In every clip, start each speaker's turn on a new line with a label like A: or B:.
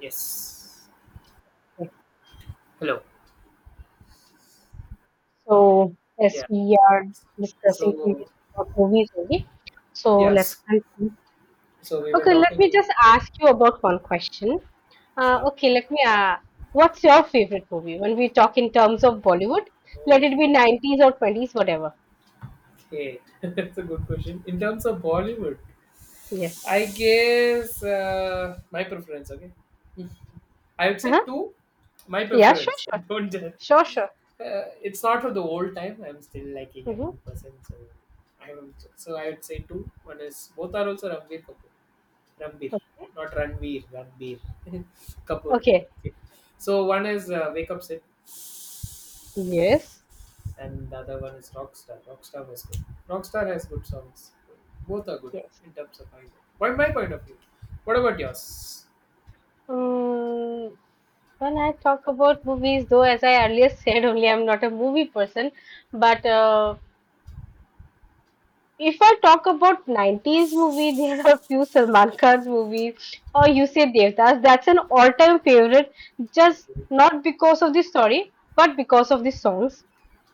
A: Yes.
B: Okay.
A: Hello.
B: So, as
A: Yeah.
B: we are discussing
A: So
B: previous about movies only, so let's
A: yes.
B: continue.
A: So we were
B: Okay, let
A: talking.
B: me just ask you about one question. Uh,
A: Sure.
B: okay, let me. What's your favorite movie? When we talk in terms of Bollywood, let
A: Oh,
B: it be 90s or 20s, whatever.
A: okay. That's a good question. In terms of Bollywood,
B: Yes.
A: I guess my preference. Okay. I would say
B: Uh-huh.
A: two. My
B: Yeah, sure,
A: preference.
B: sure.
A: Don't judge.
B: Sure, sure.
A: It's not for the old time. I'm still like a
B: Mm-hmm.
A: young person, so I would say two. One is both are also Ranbir Kapoor. Ranbir, not Ranveer. Ranbir Kapoor.
B: Okay.
A: Okay. So one is Wake Up Sid,
B: Yes.
A: and the other one is Rockstar. Rockstar was good. Rockstar has good songs. Both are good
B: Yes.
A: in terms of either. What my point of view? What about yours?
B: Um, when I talk about movies, though, as I earlier said, only I'm not a movie person, but if I talk about 90s movie, there are a few Salman Khan's movies. Or you say Devdas. That's an all-time favorite, just not because of the story, but because of the songs.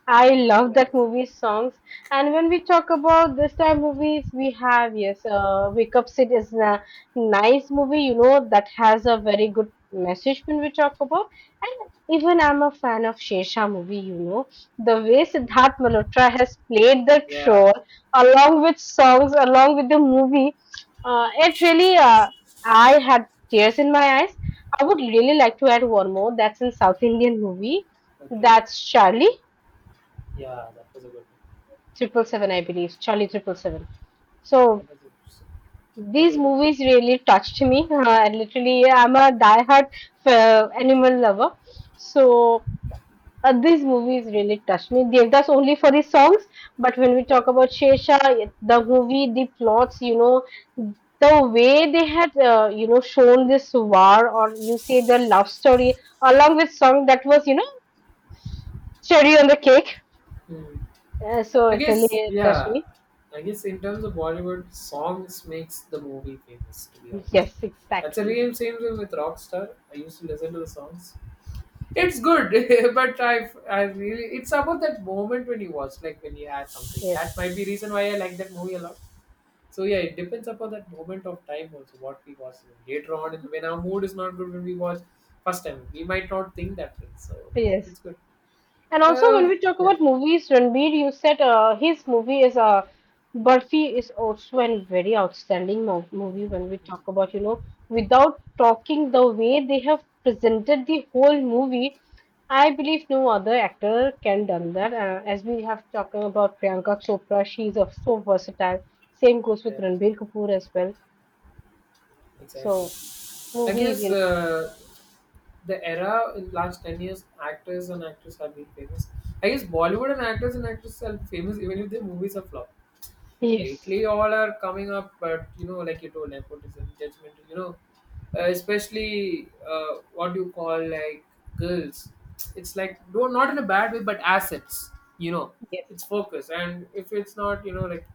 B: I
A: Yeah.
B: love that movie's songs. And when we talk about this time movies, we have, yes, Wake Up Sid is a nice movie. You know that has a very good message when we talk about. And even I'm a fan of Shesha movie. You know the way Siddharth Malhotra has played that
A: Yeah.
B: along with songs, along with the movie, it really, I had tears in my eyes. I would really like to add one more. That's in South Indian movie.
A: Okay.
B: That's Charlie
A: Yeah, that was a good one.
B: Triple Seven, I believe. Charlie Triple Seven. So
A: That was a, that
B: these
A: was good.
B: movies really touched me. And literally, I'm a diehard animal lover. So, these movies really touched me. Devdas only for the songs, but when we talk about Shesha, the movie, the plots, the way they had, shown this war or you say the love story along with song that was cherry on the cake.
A: Hmm.
B: So
A: I
B: it
A: guess,
B: really touched
A: yeah.
B: me.
A: I guess in terms of Bollywood, songs makes the movie famous. To be honest,
B: Yes,
A: that's a
B: exactly.
A: real same thing with Rockstar. I used to listen to the songs. It's good, but I really it's about that moment when you watch, like when you had something.
B: Yes,
A: That might be reason why I like that movie a lot. So yeah, it depends upon that moment of time also what we watch. Later on, and when our mood is not good, when we watch first time, we might not think that way. So
B: yes.
A: it's good.
B: And also, when
A: Uh,
B: we talk
A: Yeah.
B: about movies, Ranbir, you said his movie is Barfi is also a very outstanding mo movie.
A: Mm,
B: When we talk about, without talking the way they have presented the whole movie, I believe no other actor can done that. As we have talking about Priyanka Chopra, she is so versatile. Same goes with
A: yeah,
B: Ranbir Kapoor as well.
A: exactly.
B: So
A: I
B: movies,
A: guess the era in last 10 years, actors and actresses have been famous. I guess Bollywood and actors and actresses are famous even if their movies are flop.
B: yes,
A: Lately all are coming up, but you know, like you told, nepotism judgment, you know, especially what do you call, like, girls, it's like, do not in a bad way, but assets, you know,
B: yes,
A: it's focus, and if it's not, you know, like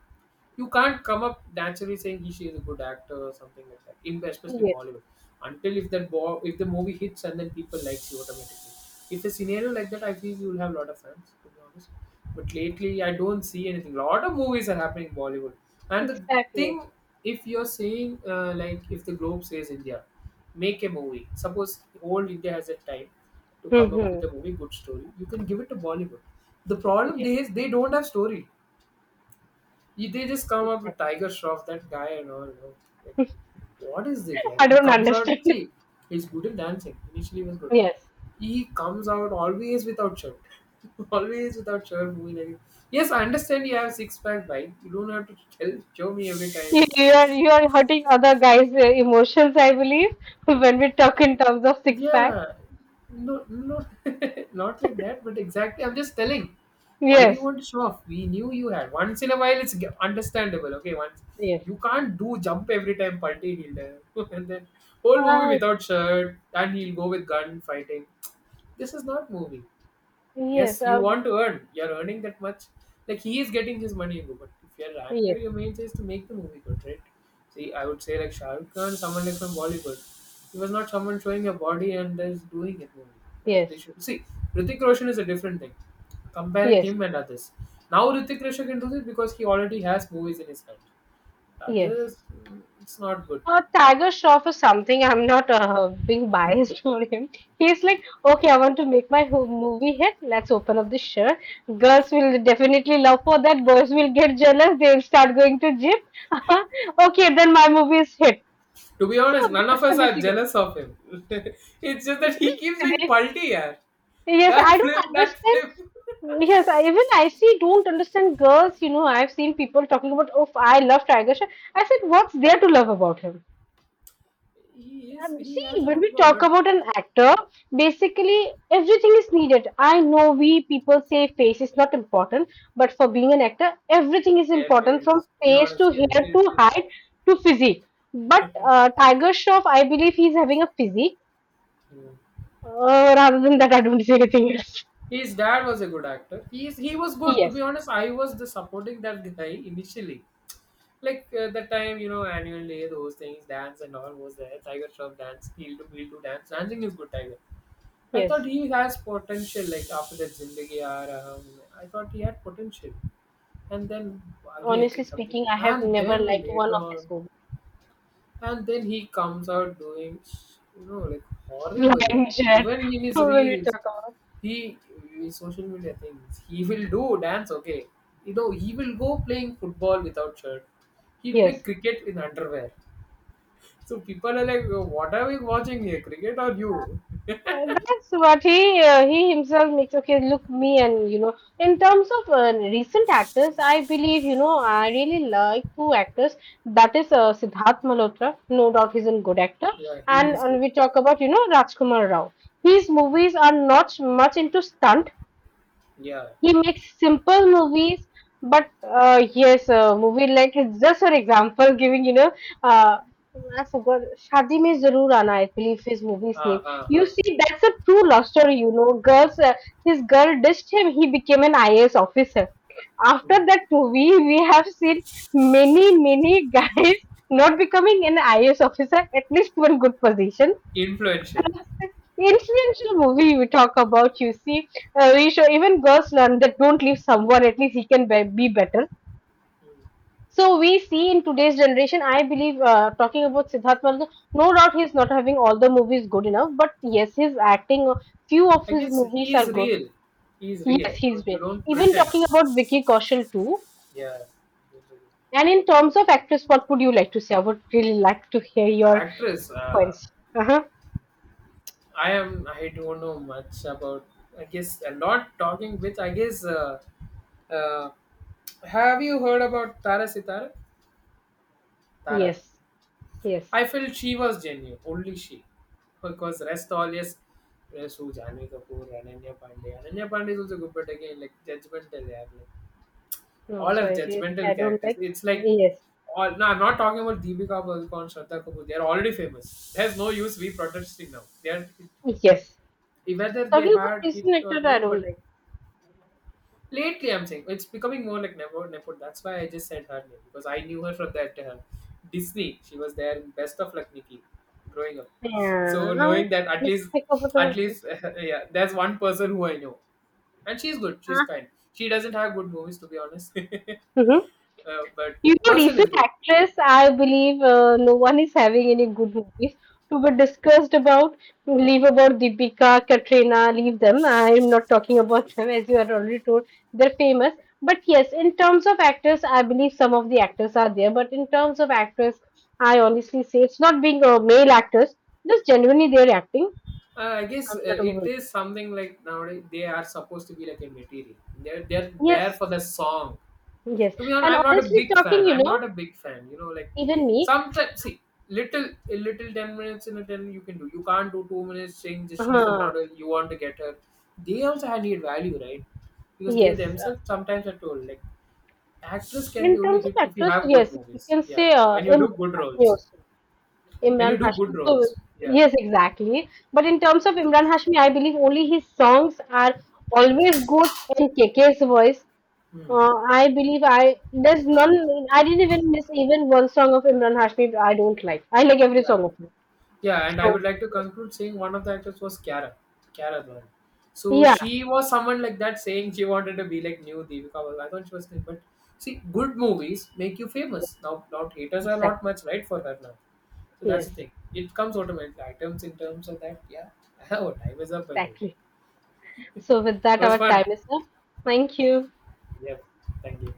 A: you can't come up naturally saying he she is a good actor or something like that. In especially
B: yes,
A: Bollywood, until if if the movie hits and then people likes you automatically. If a scenario like that, I feel you will have a lot of fans. To be honest, but lately I don't see anything. A lot of movies are happening in Bollywood, and the
B: exactly.
A: thing if you're saying like if the globe says India, make a movie. Suppose whole India has a time to come up
B: Hmm.
A: with a movie good story. You can give it to Bollywood. The problem
B: Yes,
A: there is they don't have story. They just come up with
B: exactly.
A: Tiger Shroff, that guy and all. You know, like, what is it? Yeah,
B: I
A: he
B: don't
A: comes out.
B: understand.
A: See, he's good in dancing. Initially, he was good.
B: Yes.
A: He comes out always without shirt. Always without shirt, moving like. Yes, I understand you have six pack, right? You don't have to tell show me every time.
B: You are hurting other guys' emotions, I believe, when we talk in terms of six pack.
A: Yeah, no, no, not like that, but exactly. I'm just telling. Why do you
B: Yes.
A: want to show off? We knew you had. Once in a while, it's understandable. Okay, once
B: Yes.
A: you can't do jump every time Palti he'll do. And then whole movie
B: Ah,
A: without shirt, and he'll go with gun fighting. This is not movie.
B: yes.
A: Yes, you want to earn. You're earning that much. Like he is getting his money, bro, but if you're an
B: Yes.
A: actor, your main thing is to make the movie good, right? See, I would say like Shah Rukh Khan, someone like from Bollywood. He was not someone showing a body and is doing it movie. That they
B: Yes.
A: should see. Hrithik Roshan is a different thing. Comparing
B: Yes,
A: him and others. Now Hrithik Roshan can do this because he already has movies in his hand.
B: yes.
A: Others, mm, it's not good.
B: Tiger Shroff is something I'm not being biased for him. He's like, okay, I want to make my movie hit. Let's open up the shirt. Girls will definitely love for that. Boys will get jealous. They'll start going to gym. Okay, then my movie is hit.
A: To be honest,
B: So
A: none of
B: that's the
A: us are
B: basic.
A: jealous of him. It's just that
B: What
A: he
B: is
A: keeps doing
B: it?
A: palti, yeah.
B: Yes, I don't
A: Backflip, that
B: understand.
A: flip.
B: Yes, even I see, don't understand girls. You know, I've seen people talking about, oh, I love Tiger Shroff. I said, what's there to love about him? Um,
A: He
B: see,
A: has a
B: when
A: good
B: we
A: work,
B: talk
A: but
B: about an actor, basically everything is needed. I know we people say face is not important, but for being an actor, everything is important
A: every
B: from
A: to be
B: face
A: honest,
B: to
A: yeah,
B: hair to height to physique. But Tiger Shroff, I believe he's having a physique.
A: yeah.
B: Rather than that, I don't see anything else.
A: His dad was a good actor. He was good. To
B: Yes.
A: be honest, I was the supporting that guy initially. Like that time, you know, annual day, those things, dance and all was there. Tiger Shroff dance, he'll do dance. Dancing is good, Tiger. I thought
B: Yes,
A: he has potential. Like after that Zindagi Yaar, I thought he had potential, and then Wagi, I
B: honestly
A: think something
B: speaking,
A: came,
B: I have
A: and
B: never
A: then
B: liked one
A: later
B: of his
A: on,
B: movies.
A: and then he comes out doing, you know, like horrible. Yeah,
B: Flying Jet,
A: even in his
B: when we
A: reels,
B: talk about,
A: he his social media things he will do dance. Okay, you know he will go playing football without shirt. He play
B: yes.
A: cricket in underwear. So people are like, what are we watching here, cricket or you?
B: That's what he he himself makes. Okay, look me and in terms of recent actors, I believe I really like two actors. That is Siddharth Malhotra, no doubt he's a good actor,
A: Yeah, he
B: and,
A: is
B: and
A: good.
B: we talk about Rajkumar Rao. His
A: Hmm.
B: movies are not much into stunt.
A: Yeah.
B: He makes simple movies, but yes, a movie like it's just for example, giving uh, I forgot Shadi Mein Zaroor Aana, I believe his movie's
A: Ha
B: name.
A: ha ha.
B: You see, that's a true love story. Girls, his girl ditched him, he became an IAS officer. After
A: Hmm.
B: that movie, we have seen many, many guys not becoming an IAS officer, at least one good position.
A: Influential.
B: Influential movie we talk about, you see, we show even girls learn that don't leave someone, at least he can be better. So we see in today's generation, I believe, talking about Siddharth Malhotra, no doubt he's not having all the movies good enough, but yes, his acting, few of
A: I
B: his
A: guess
B: movies
A: he
B: are
A: is
B: good.
A: real. He is real.
B: Yes,
A: You
B: he's
A: know, you
B: great,
A: don't
B: even
A: pretend.
B: talking about Vicky Kaushal too.
A: Yeah.
B: And in terms of actress, what would you like to say? I would really like to hear your
A: Actress.
B: points. Uh-huh.
A: I am. I don't know much about. I guess a lot talking with. I guess. Uh, have you heard about Tara Sitara? Tara.
B: Yes. Yes.
A: I felt she was genuine. Only she. Because rest all yes. Rest who Janvi Kapoor, Ananya Pandey. Ananya Pandey is also good, but again like judgmental. They are like,
B: No,
A: all are
B: sorry, seriously,
A: judgmental
B: I don't
A: characters.
B: like.
A: It's like,
B: Yes,
A: all, no, I'm not talking about Deepika Padukone, Shraddha Kapoor. They are already famous. There's no use we protesting now. They are
B: yes.
A: whether they
B: Talking about
A: had hit
B: prison
A: or
B: actor, I
A: new, but
B: don't like.
A: lately I'm saying it's becoming more like nepo Nepo. That's why I just said her name because I knew her from that Disney. She was there in Best of Luck Nikki growing up.
B: Yeah,
A: So knowing that
B: this is like about.
A: at least, yeah, there's one person who I know, and she's good. She's kind. She doesn't have good movies to be honest.
B: Uh,
A: But
B: You know,
A: person is
B: recent
A: good.
B: actress, I believe no one is having any good movies to be discussed about. Leave about Deepika, Katrina, leave them. I am not talking about them as you are already told. They're famous. But yes, in terms of actors, I believe some of the actors are there. But in terms of actors, I honestly say it's not being male actors, just genuinely they're acting.
A: I guess
B: I'm not a
A: it
B: woman.
A: is something like nowadays they are supposed to be like a material. They're there
B: Yes,
A: for the song.
B: yes.
A: To be honest,
B: And
A: I'm not a
B: honestly
A: big
B: talking,
A: fan. I'm not a big fan. You know, like
B: even me,
A: sometimes see little a little 10 minutes in a ten you can do. You can't do 2 minutes saying that she's the
B: uh,
A: model. You want to get her. They also had need value, right? Because they
B: yes.
A: themselves sometimes are told like actress can be
B: In
A: only
B: terms
A: hit
B: of
A: if you
B: actors,
A: have good
B: yes, you
A: movies.
B: can
A: Yeah,
B: say
A: when you do
B: Imran
A: good
B: Hashmi
A: roles.
B: also.
A: When
B: Imran
A: you do good
B: Hashmi, so
A: roles. Yeah.
B: yes, exactly. But in terms of Imran Hashmi, I believe only his songs are always good in KK's voice.
A: Hmm.
B: I believe, I there's none. I didn't even miss even one song of Imran Hashmi. I don't like. I like every
A: Yeah.
B: song of him.
A: Yeah, and I
B: So
A: would like to conclude saying one of the actors was Kiara, Kiara Advani. So
B: yeah,
A: she was someone like that saying she wanted to be like new Deepika Padukone. I thought she was good, but see, good movies make you famous. Now, not haters are not
B: exactly.
A: much right for her now. So that's the
B: Yes,
A: thing. It comes automatically. Items in terms of that, yeah. Oh, time is up by the way.
B: exactly. So with
A: It
B: that,
A: was
B: our
A: fun.
B: time is up. Thank you.
A: Yeah. Thank you.